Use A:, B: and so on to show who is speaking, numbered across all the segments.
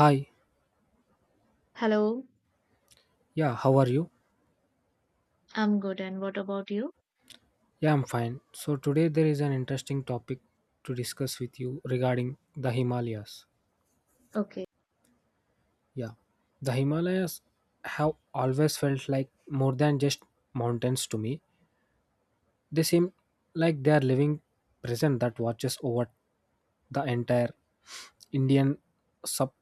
A: Hi,
B: Hello,
A: yeah, how are you?
B: I'm good. And what about you?
A: Yeah, I'm fine. So, today there is an interesting topic to discuss with you regarding the Himalayas.
B: Okay.
A: Yeah, the Himalayas have always felt like more than just mountains to me. They seem like they are living present that watches over the entire Indian sub,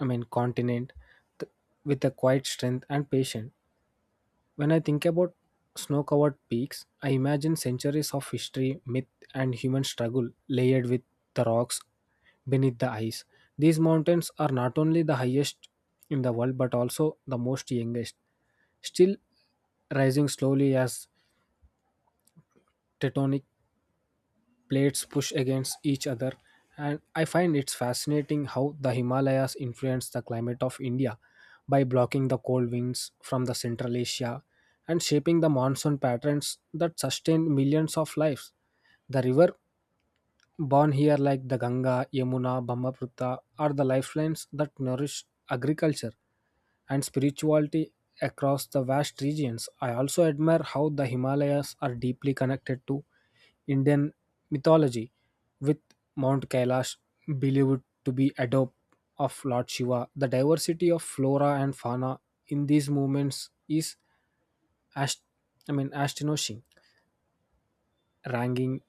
A: continent th- with a quiet strength and patience. When I think about snow covered peaks, I imagine centuries of history, myth, and human struggle layered with the rocks beneath the ice. These mountains are not only the highest in the world but also the most youngest, still rising slowly as tectonic plates push against each other. And I find it's fascinating how the himalayas influence the climate of India by blocking the cold winds from the Central Asia and shaping the monsoon patterns that sustain millions of lives. The river born here, like the Ganga, Yamuna, Brahmaputra, are the lifelines that nourish agriculture and spirituality across the vast regions. I also admire how the Himalayas are deeply connected to Indian mythology, with Mount Kailash believed to be a dope of Lord Shiva. The diversity of flora and fauna in these movements is ast- astonishing, ranking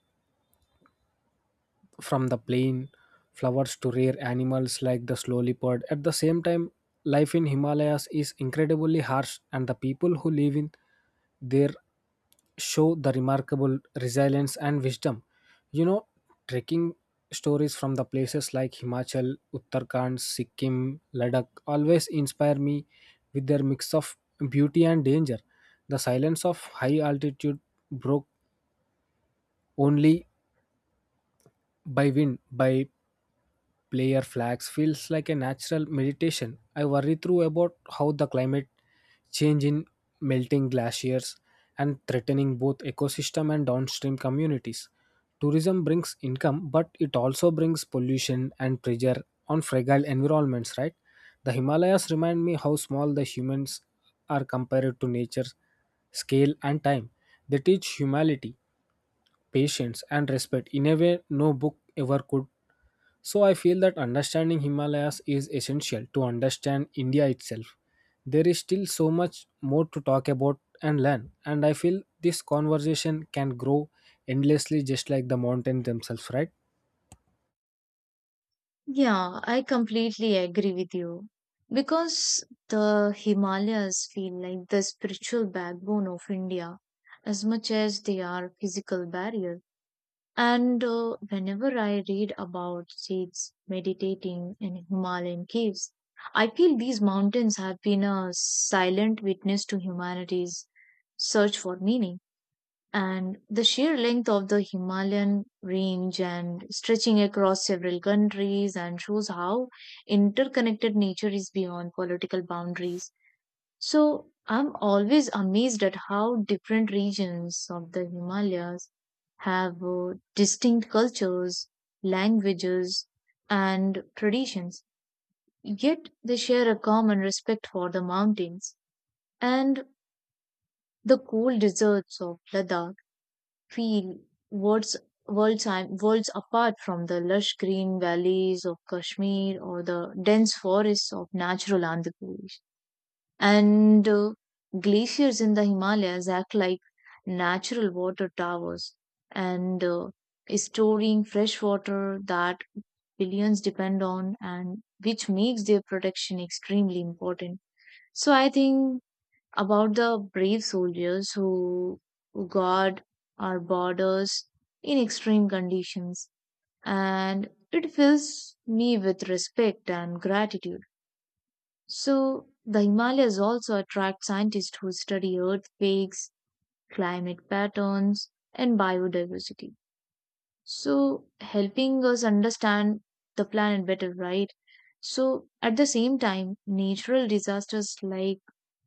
A: from the plain flowers to rare animals like the slow leopard. At the same time, life in Himalayas is incredibly harsh, and the people who live in there show the remarkable resilience and wisdom. You know, trekking stories from the places like Himachal, Uttarakhand, Sikkim, Ladakh always inspire me with their mix of beauty and danger. The silence of high altitude broke only by wind by player flags feels like a natural meditation. I worry through about how the climate change in melting glaciers and threatening both ecosystem and downstream communities. Tourism brings income, but it also brings pollution and pressure on fragile environments, right? The Himalayas remind me how small the humans are compared to nature's scale and time. They teach humility, patience, and respect in a way no book ever could. So I feel that understanding Himalayas is essential to understand India itself. There is still so much more to talk about and learn, and I feel this conversation can grow endlessly just like the mountains themselves, right?
B: Yeah, I completely agree with you. Because the Himalayas feel like the spiritual backbone of India as much as they are physical barrier. And Whenever I read about Sikhs meditating in Himalayan caves, I feel these mountains have been a silent witness to humanity's search for meaning. And the sheer length of the Himalayan range and stretching across several countries and shows how interconnected nature is beyond political boundaries. So I'm always amazed at how different regions of the Himalayas have distinct cultures, languages, and traditions. Yet they share a common respect for the mountains, and the cool deserts of Ladakh feel worlds worlds and worlds apart from the lush green valleys of Kashmir or the dense forests of natural Andhra Pradesh. And Glaciers in the Himalayas act like natural water towers and storing fresh water that billions depend on, and which makes their protection extremely important. So I think about the brave soldiers who guard our borders in extreme conditions, and it fills me with respect and gratitude. So the Himalayas also attract scientists who study earthquakes, climate patterns, and biodiversity, so helping us understand the planet better, right? So at the same time, natural disasters like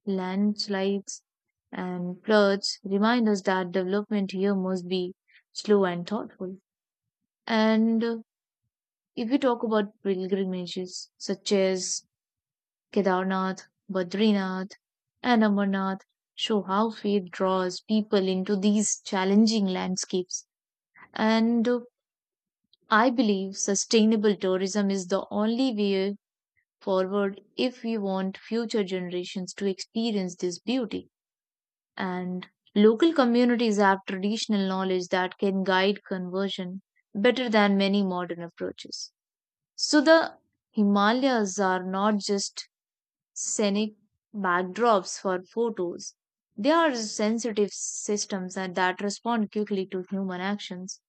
B: landslides and floods remind us that development here must be slow and thoughtful. And If we talk about pilgrimages such as Kedarnath, Badrinath, and Amarnath, show how faith draws people into these challenging landscapes. And I believe sustainable tourism is the only way forward if we want future generations to experience this beauty. And local communities have traditional knowledge that can guide conversion better than many modern approaches. So the Himalayas are not just scenic backdrops for photos. They are sensitive systems and that respond quickly to human actions.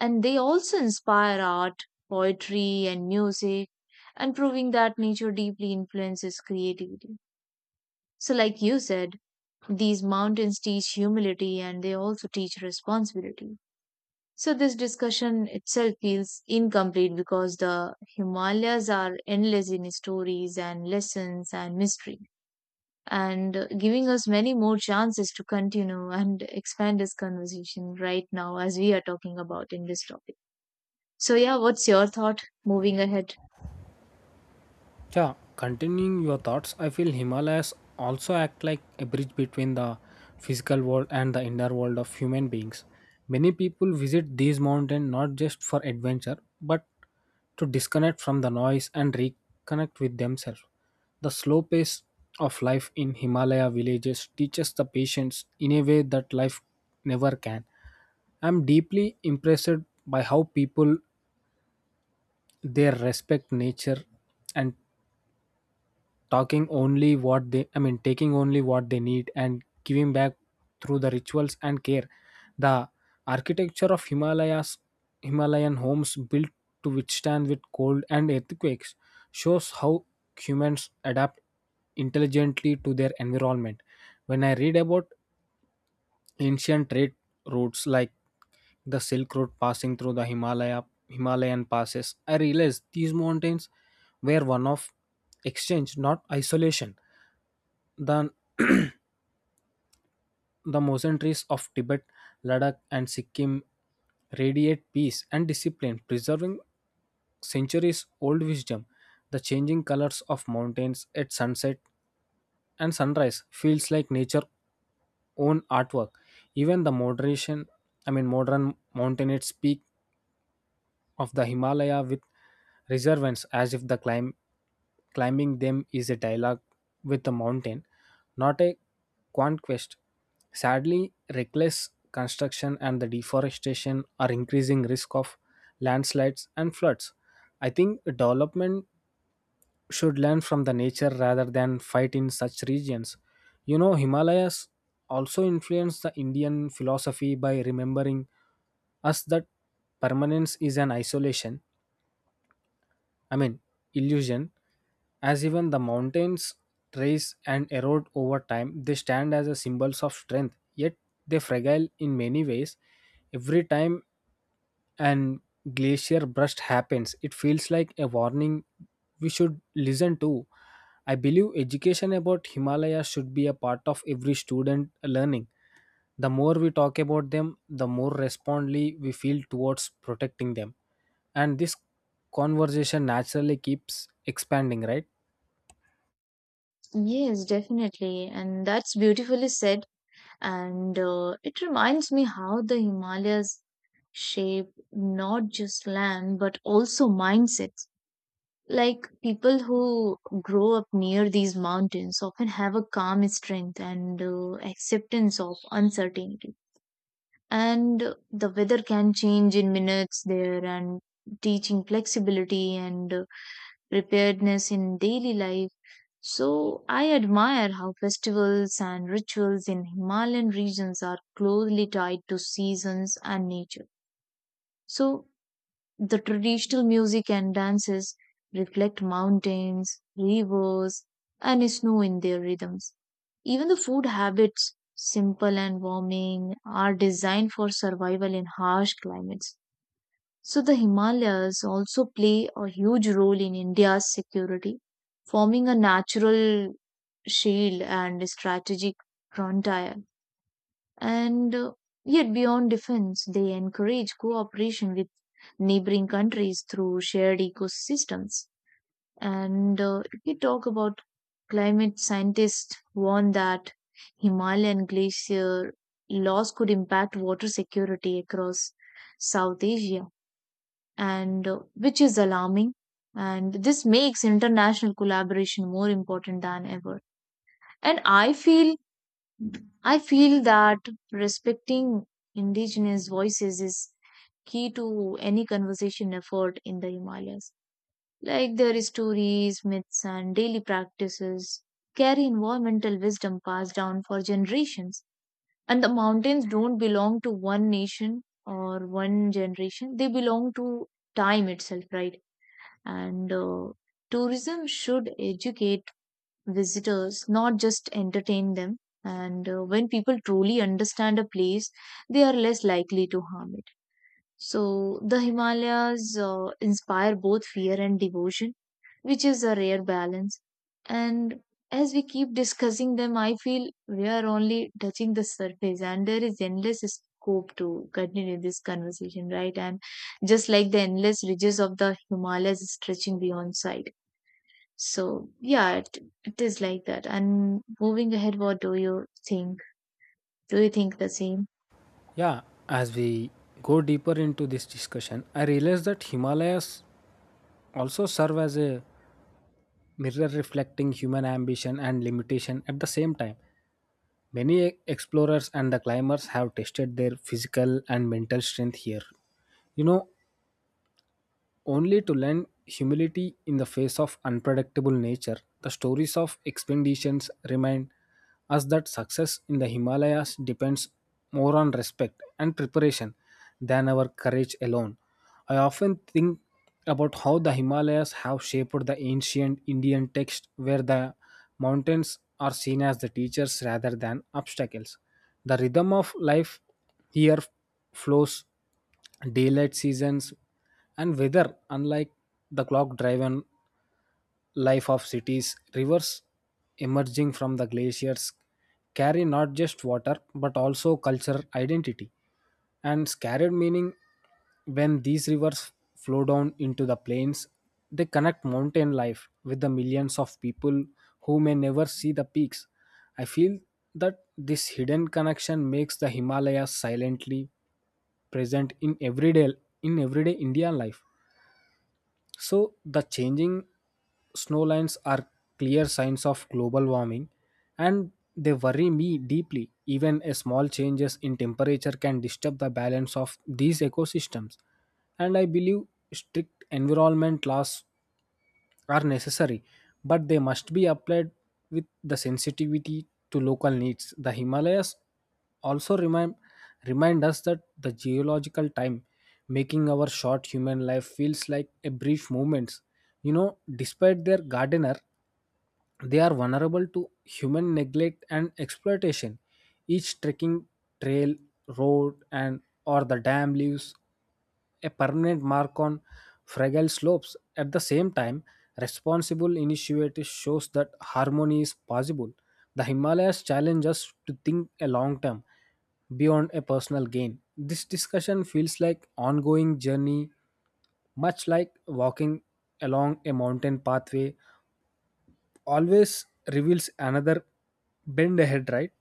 B: And they also inspire art, poetry, and music, and proving that nature deeply influences creativity. So, like you said, these mountains teach humility and they also teach responsibility. So this discussion itself feels incomplete because the Himalayas are endless in stories and lessons and mystery, and giving us many more chances to continue and expand this conversation right now as we are talking about in this topic. So yeah, what's your thought moving ahead?
A: Yeah, continuing your thoughts, I feel Himalayas also act like a bridge between the physical world and the inner world of human beings. Many people visit these mountains not just for adventure, but to disconnect from the noise and reconnect with themselves. The slow pace of life in Himalaya villages teaches the patience in a way that life never can. I'm deeply impressed by how people there respect nature and talking only what they I mean taking only what they need and giving back through the rituals and care. The architecture of himalayas Himalayan homes built to withstand with cold and earthquakes shows how humans adapt intelligently to their environment. When I read about ancient trade routes like the silk road passing through the Himalayan passes, I realized these mountains were one of exchange not isolation. The, the monasteries of Tibet, Ladakh, and Sikkim radiate peace and discipline, preserving centuries old wisdom. The changing colors of mountains at sunset and sunrise feels like nature's own artwork. Even the moderation, I mean modern mountaineers speak of the Himalaya with reverence, as if the climbing them is a dialogue with the mountain, not a conquest. Sadly, reckless construction and the deforestation are increasing risk of landslides and floods. I think development should learn from the nature rather than fight in such regions. You know, Himalayas also influenced the Indian philosophy by remembering us that permanence is an I mean, illusion, as even the mountains rise and erode over time, they stand as a symbols of strength, yet they fragile in many ways. Every time an glacier burst happens, it feels like a warning we should listen to. I believe education about Himalaya should be a part of every student learning. The more we talk about them, the more responsibly we feel towards protecting them, and this conversation naturally keeps expanding, right?
B: Yes, definitely. And that's beautifully said. And It reminds me how the Himalayas shape not just land but also mindsets. Like people who grow up near these mountains often have a calm strength and acceptance of uncertainty. And The weather can change in minutes there, and teaching flexibility and preparedness in daily life. So I admire how festivals and rituals in Himalayan regions are closely tied to seasons and nature. So the traditional music and dances reflect mountains, rivers, and snow in their rhythms. Even the food habits, simple and warming, are designed for survival in harsh climates. So the Himalayas also play a huge role in India's security, forming a natural shield and strategic frontier. And Yet, beyond defense, they encourage cooperation with neighboring countries through shared ecosystems. And If we talk about climate scientists warn that Himalayan glacier loss could impact water security across South Asia, and which is alarming. And this makes international collaboration more important than ever. And I feel that respecting indigenous voices is key to any conversation effort in the Himalayas. Like their stories, myths, and daily practices carry environmental wisdom passed down for generations. And the mountains don't belong to one nation or one generation, they belong to time itself, right? And Tourism should educate visitors, not just entertain them. And When people truly understand a place, they are less likely to harm it. So the Himalayas inspire both fear and devotion, which is a rare balance. And as we keep discussing them, I feel we are only touching the surface, and there is endless scope to continue this conversation, right? And just like the endless ridges of the Himalayas stretching beyond sight. So yeah, it is like that. And moving ahead, what do you think? Do you think the same?
A: Yeah, as we go deeper into this discussion, I realize that Himalayas also serve as a mirror reflecting human ambition and limitation at the same time. Many explorers and the climbers have tested their physical and mental strength here, you know, only to learn humility in the face of unpredictable nature. The stories of expeditions remind us that success in the Himalayas depends more on respect and preparation than our courage alone. I often think about how the Himalayas have shaped the ancient Indian text where the mountains are seen as the teachers rather than obstacles. The rhythm of life here flows daylight seasons and weather unlike the clock driven life of cities. Rivers emerging from the glaciers carry not just water but also cultural identity and scarred meaning. When these rivers flow down into the plains, they connect mountain life with the millions of people who may never see the peaks. I feel that this hidden connection makes the himalayas silently present in everyday Indian life. So, the changing snow lines are clear signs of global warming and they worry me deeply. Even a small changes in temperature can disturb the balance of these ecosystems. And I believe strict environment laws are necessary, but they must be applied with the sensitivity to local needs. The Himalayas also remind us that the geological time making our short human life feels like a brief moment. You know, despite their gardener they are vulnerable to human neglect and exploitation. Each trekking trail, road, and or the dam leaves a permanent mark on fragile slopes. At the same time, responsible initiative shows that harmony is possible. The Himalayas challenge us to think a long term beyond a personal gain. This discussion feels like ongoing journey, much like walking along a mountain pathway always reveals another bend ahead, right?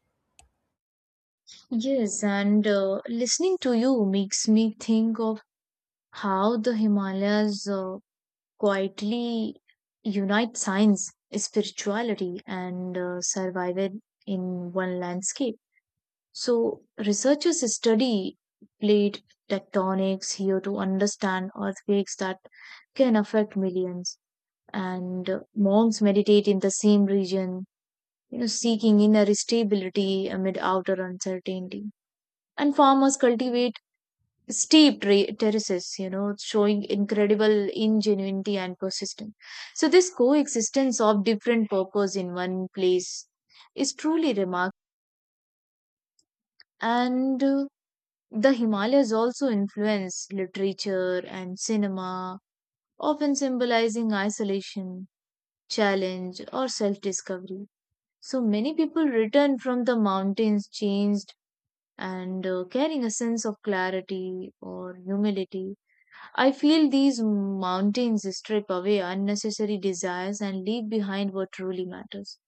B: Yes, and listening to you makes me think of how the Himalayas quietly unite science, spirituality, and survival in one landscape. So researchers study plate tectonics here to understand earthquakes that can affect millions. And monks meditate in the same region, you know, seeking inner stability amid outer uncertainty. And farmers cultivate steep terraces, you know, showing incredible ingenuity and persistence. So this coexistence of different purpose in one place is truly remarkable. And The Himalayas also influence literature and cinema, often symbolizing isolation, challenge, or self discovery. So many people return from the mountains changed and carrying a sense of clarity or humility. I feel these mountains strip away unnecessary desires and leave behind what truly matters.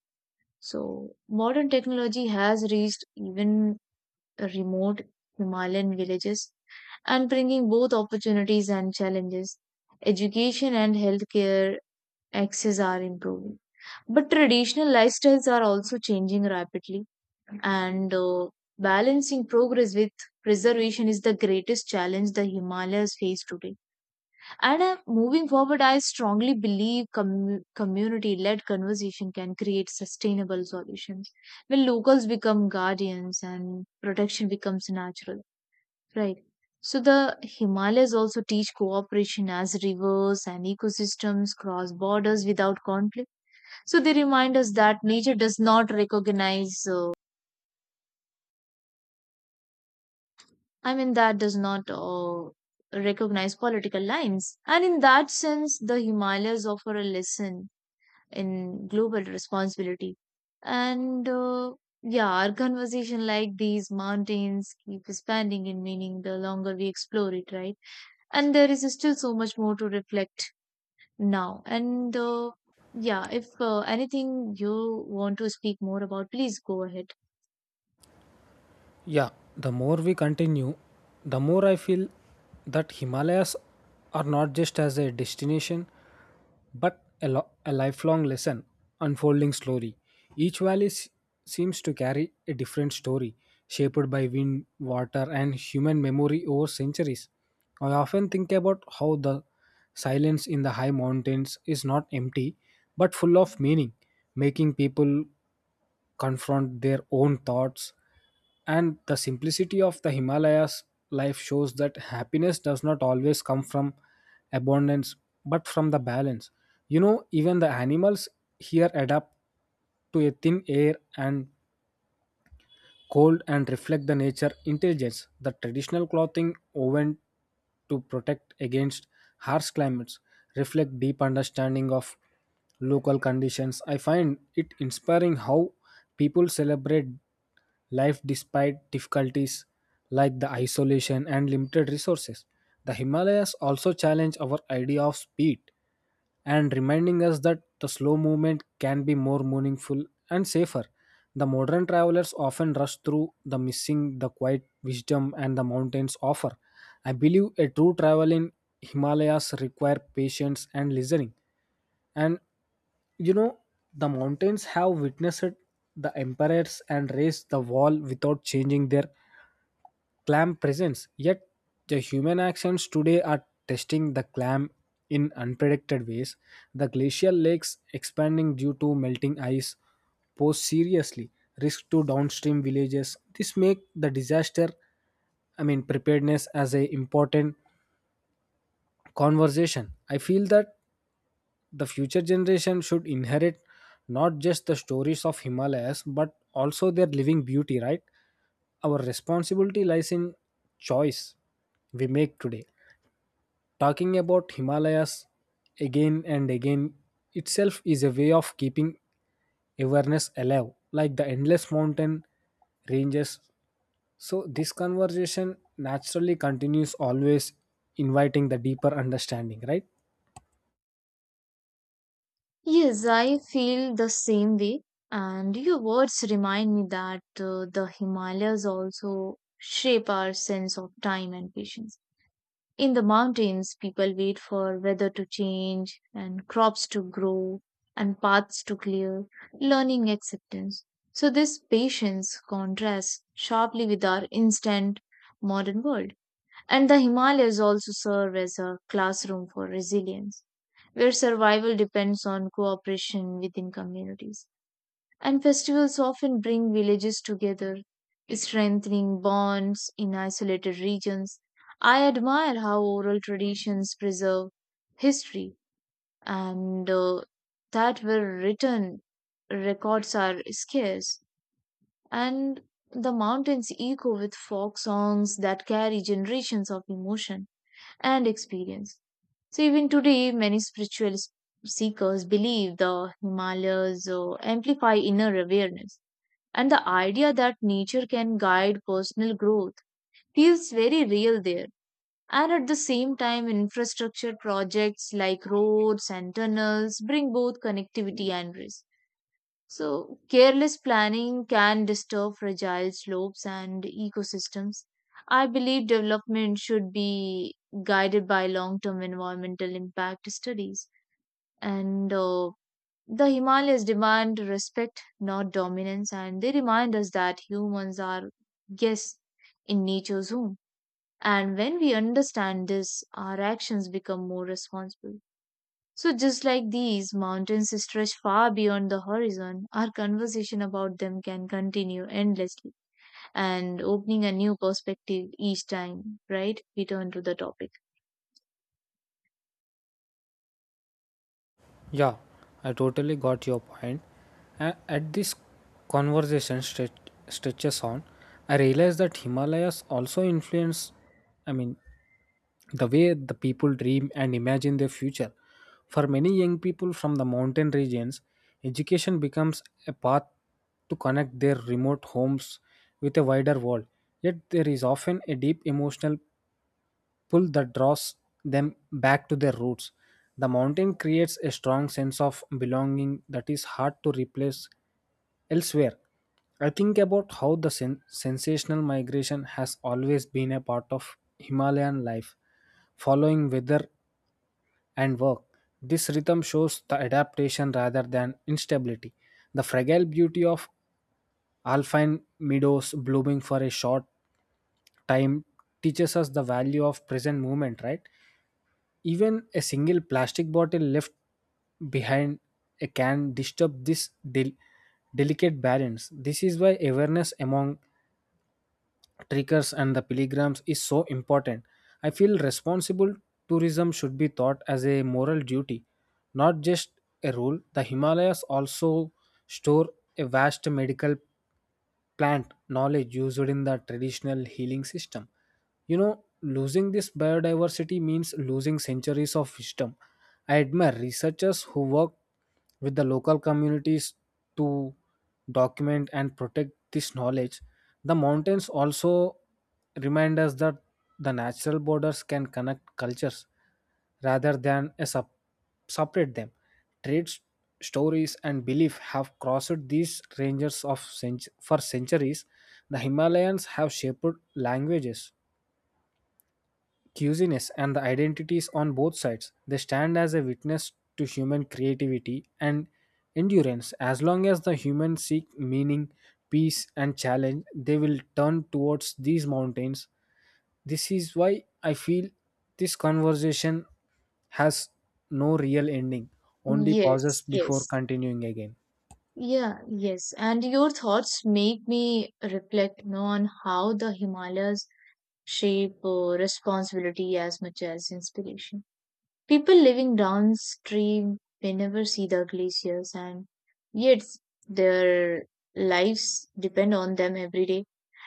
B: So, modern technology has reached even remote Himalayan villages and bringing both opportunities and challenges. Education and healthcare access are improving. But traditional lifestyles are also changing rapidly, and balancing progress with preservation is the greatest challenge the Himalayas face today. And Moving forward, I strongly believe community-led conversation can create sustainable solutions when locals become guardians and protection becomes natural, right? So the Himalayas also teach cooperation as rivers and ecosystems cross borders without conflict. So they remind us that nature does not recognize that does not recognize political lines. And in that sense, the Himalayas offer a lesson in global responsibility. And Yeah, our conversation like these mountains keep expanding in meaning the longer we explore it, right? And there is still so much more to reflect now. And Yeah, if anything you want to speak more about, please go ahead.
A: Yeah, the more we continue, the more I feel that Himalayas are not just as a destination, but a lifelong lesson unfolding slowly. Each valley seems to carry a different story, shaped by wind, water, and human memory over centuries. I often think about how the silence in the high mountains is not empty, but full of meaning, making people confront their own thoughts. And the simplicity of the himalayas life shows that happiness does not always come from abundance but from the balance. You know, even the animals here adapt to a thin air and cold and reflect the nature intelligence. The traditional clothing woven to protect against harsh climates reflect deep understanding of local conditions. I find it inspiring how people celebrate life despite difficulties like the isolation and limited resources. The Himalayas also challenge our idea of speed and reminding us that the slow movement can be more meaningful and safer. The modern travelers often rush through the missing the quiet wisdom and the mountains offer. I believe a true travel in Himalayas require patience and listening. And you know, the mountains have witnessed the empires and raised the wall without changing their clam presence. Yet, the human actions today are testing the clam in unpredicted ways. The glacial lakes expanding due to melting ice pose seriously risk to downstream villages. This make the disaster, I mean preparedness as a important conversation. I feel that the future generation should inherit not just the stories of Himalayas but also their living beauty, right? Our responsibility lies in choice we make today. Talking about Himalayas again and again itself is a way of keeping awareness alive, like the endless mountain ranges. So, this conversation naturally continues, always inviting the deeper understanding, right?
B: Yes, I feel the same way. And your words remind me that the Himalayas also shape our sense of time and patience. In the mountains, people wait for weather to change and crops to grow and paths to clear, learning acceptance. So, this patience contrasts sharply with our instant modern world. And the Himalayas also serve as a classroom for resilience, where survival depends on cooperation within communities. And festivals often bring villages together, strengthening bonds in isolated regions. I admire how oral traditions preserve history, and that where written records are scarce. And the mountains echo with folk songs that carry generations of emotion and experience. So even today, many spiritual seekers believe the Himalayas amplify inner awareness, and the idea that nature can guide personal growth feels very real there. And at the same time, infrastructure projects like roads and tunnels bring both connectivity and risk. So, careless planning can disturb fragile slopes and ecosystems. I believe development should be guided by long term environmental impact studies. And The Himalayas demand respect, not dominance, and they remind us that humans are guests in nature's home. And when we understand this, our actions become more responsible. So, just like these, mountains stretch far beyond the horizon. Our conversation about them can continue endlessly and opening a new perspective each time, right? We turn to the topic.
A: Yeah, I totally got your point. At this conversation stretches on, I realized that Himalayas also influence, I mean, the way the people dream and imagine their future. For many young people from the mountain regions, education becomes a path to connect their remote homes with a wider world. Yet there is often a deep emotional pull that draws them back to their roots. The mountain creates a strong sense of belonging that is hard to replace elsewhere. I think about how the sensational migration has always been a part of Himalayan life, following weather and work. This rhythm shows the adaptation rather than instability. The fragile beauty of alpine meadows blooming for a short time teaches us the value of present moment, right? Even a single plastic bottle left behind can disturb this delicate balance. This is why awareness among trekkers and the pilgrims is so important. I feel responsible tourism should be thought as a moral duty, not just a rule. The Himalayas also store a vast medical plant knowledge used in the traditional healing system. You know, losing this biodiversity means losing centuries of wisdom. I admire researchers who work with the local communities to document and protect this knowledge. The mountains also remind us that the natural borders can connect cultures rather than separate them. Trades, stories, and belief have crossed these ranges for centuries. The Himalayans have shaped languages, cuisines and the identities on both sides. They stand as a witness to human creativity and endurance. As long as the humans seek meaning, peace, and challenge, they will turn towards these mountains. This is why I feel this conversation has no real ending, only pauses
B: Yes,
A: before
B: yes.
A: continuing again.
B: Yeah, yes. And your thoughts make me reflect, you know, on how the Himalayas shape responsibility as much as inspiration. People living downstream may never see the glaciers, and yet their lives depend on them every day.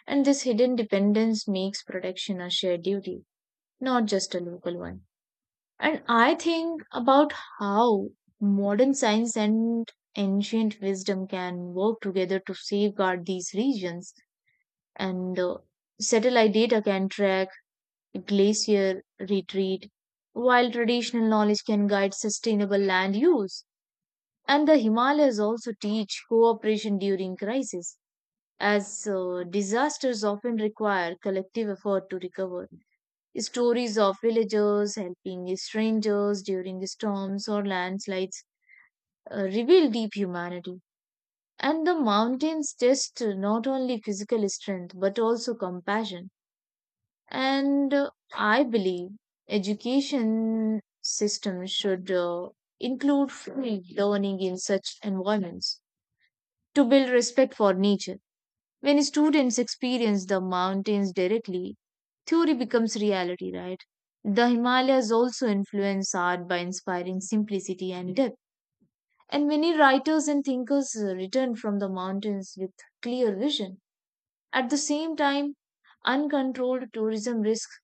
B: And this hidden dependence makes protection a shared duty, not just a local one. And I think about how modern science and ancient wisdom can work together to safeguard these regions, and satellite data can track glacier retreat, while traditional knowledge can guide sustainable land use. And the Himalayas also teach cooperation during crisis, as disasters often require collective effort to recover. Stories of villagers helping strangers during storms or landslides reveal deep humanity. And the mountains test not only physical strength but also compassion. And I believe education system should include free learning in such environments to build respect for nature. When students experience the mountains directly, theory becomes reality, right? The Himalayas also influence art by inspiring simplicity and depth, and many writers and thinkers return from the mountains with clear vision. At the same time, uncontrolled tourism risks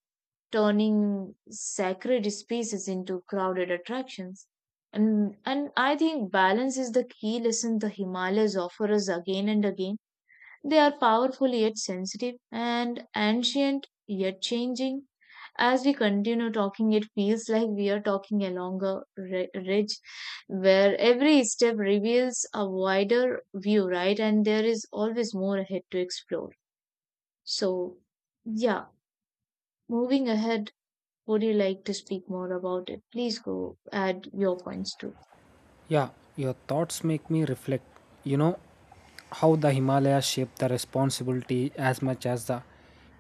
B: turning sacred spaces into crowded attractions. And I think balance is the key lesson the Himalayas offer us again and again. They are powerful yet sensitive and ancient yet changing. As we continue talking, it feels like we are talking along a ridge where every step reveals a wider view, right? And there is always more ahead to explore. So, yeah, moving ahead, would you like to speak more about it? Please go add your points too.
A: Yeah, your thoughts make me reflect. You know how the Himalayas shape the responsibility as much as the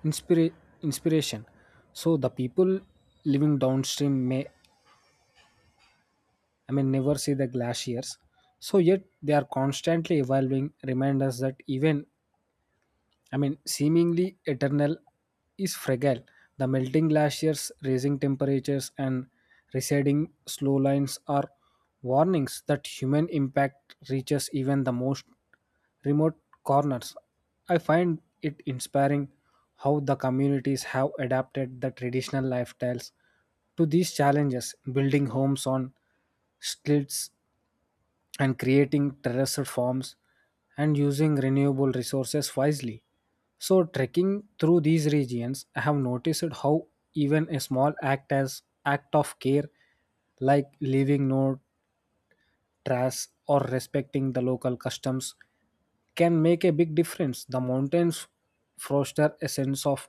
A: inspira- inspiration. So the people living downstream may, I mean, never see the glaciers. So yet they are constantly evolving, remind us that even, I mean, seemingly eternal is fragile. The melting glaciers, raising temperatures, and receding slow lines are warnings that human impact reaches even the most remote corners. I find it inspiring how the communities have adapted the traditional lifestyles to these challenges, building homes on stilts and creating terraced farms and using renewable resources wisely. So, trekking through these regions, I have noticed how even a small act as act of care, like leaving no trace or respecting the local customs, can make a big difference. The mountains foster a sense of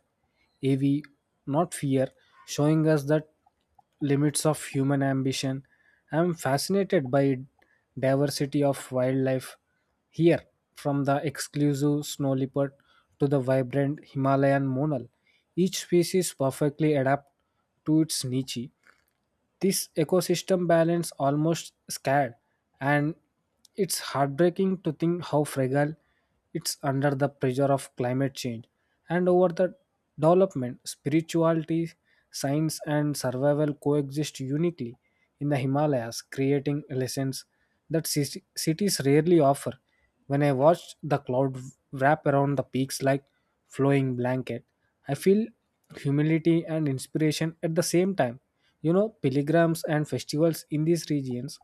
A: AV, not fear, showing us that limits of human ambition. I am fascinated by diversity of wildlife here, from the exclusive snow leopard to the vibrant Himalayan monal. Each species perfectly adapt to its niche, this ecosystem balance almost scared, and it's heartbreaking to think how fragile it's under the pressure of climate change and over the development. Spirituality, science, and survival coexist uniquely in the Himalayas, creating lessons that cities rarely offer. When I watch the cloud wrap around the peaks like flowing blanket, I feel humility and inspiration at the same time. You know, pilgrims and festivals in these regions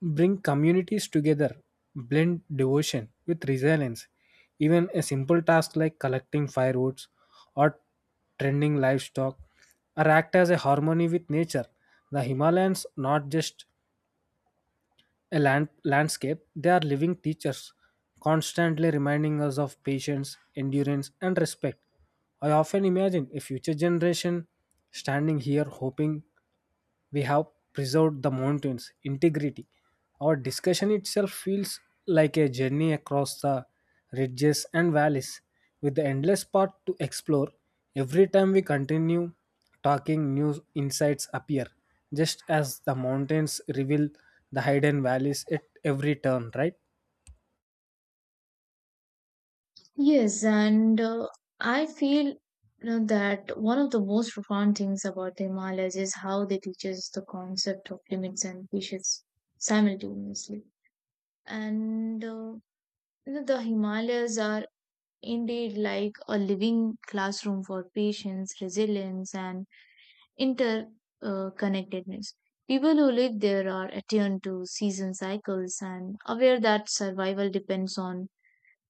A: bring communities together, blend devotion with resilience. Even a simple task like collecting firewoods or tending livestock or act as a harmony with nature. The Himalayas not just landscape, they are living teachers, constantly reminding us of patience, endurance, and respect. I often imagine a future generation standing here hoping we have preserved the mountain's integrity. Our discussion itself feels like a journey across the ridges and valleys, with the endless path to explore. Every time we continue talking, new insights appear, just as the mountains reveal the hidden valleys at every turn, right?
B: Yes, and I feel, you know, that one of the most profound things about the Himalayas is how they teach us the concept of limits and wishes simultaneously. And You know, the Himalayas are indeed like a living classroom for patience, resilience, and interconnectedness. People who live there are attuned to season cycles and aware that survival depends on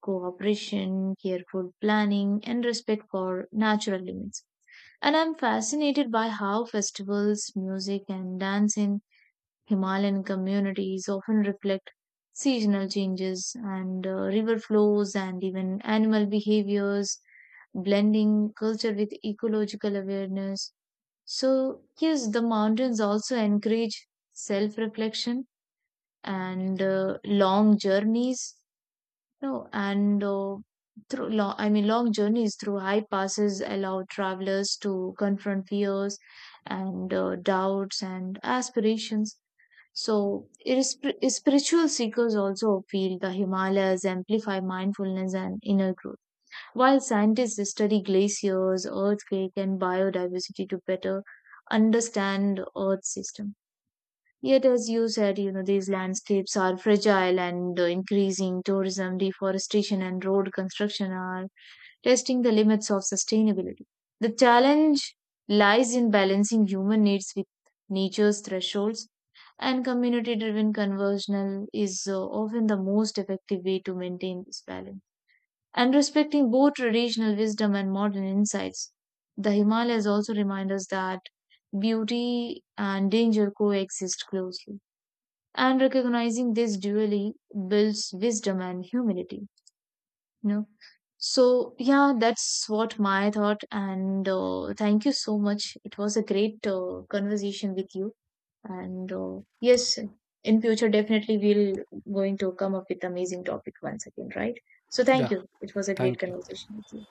B: cooperation, careful planning, and respect for natural limits. And I'm fascinated by how festivals, music, and dance in Himalayan communities often reflect seasonal changes and river flows and even animal behaviors, blending culture with ecological awareness. So, yes, the mountains also encourage self reflection and long journeys, you know, and through long journeys through high passes allow travelers to confront fears and doubts and aspirations. So, it is spiritual seekers also feel the Himalayas amplify mindfulness and inner growth. While scientists study glaciers, earthquake, and biodiversity to better understand Earth's system. Yet, as you said, you know these landscapes are fragile, and the increasing tourism, deforestation, and road construction are testing the limits of sustainability. The challenge lies in balancing human needs with nature's thresholds, and community driven conversional is often the most effective way to maintain this balance and respecting both traditional wisdom and modern insights. The Himalayas also remind us that beauty and danger coexist closely, and recognizing this dually builds wisdom and humility. You know, so yeah, that's what my thought, and thank you so much. It was a great conversation with you, and yes, in future definitely we'll going to come up with amazing topic once again, right? So
A: Yeah,
B: thank you. It was a great
A: thank you.
B: conversation with you.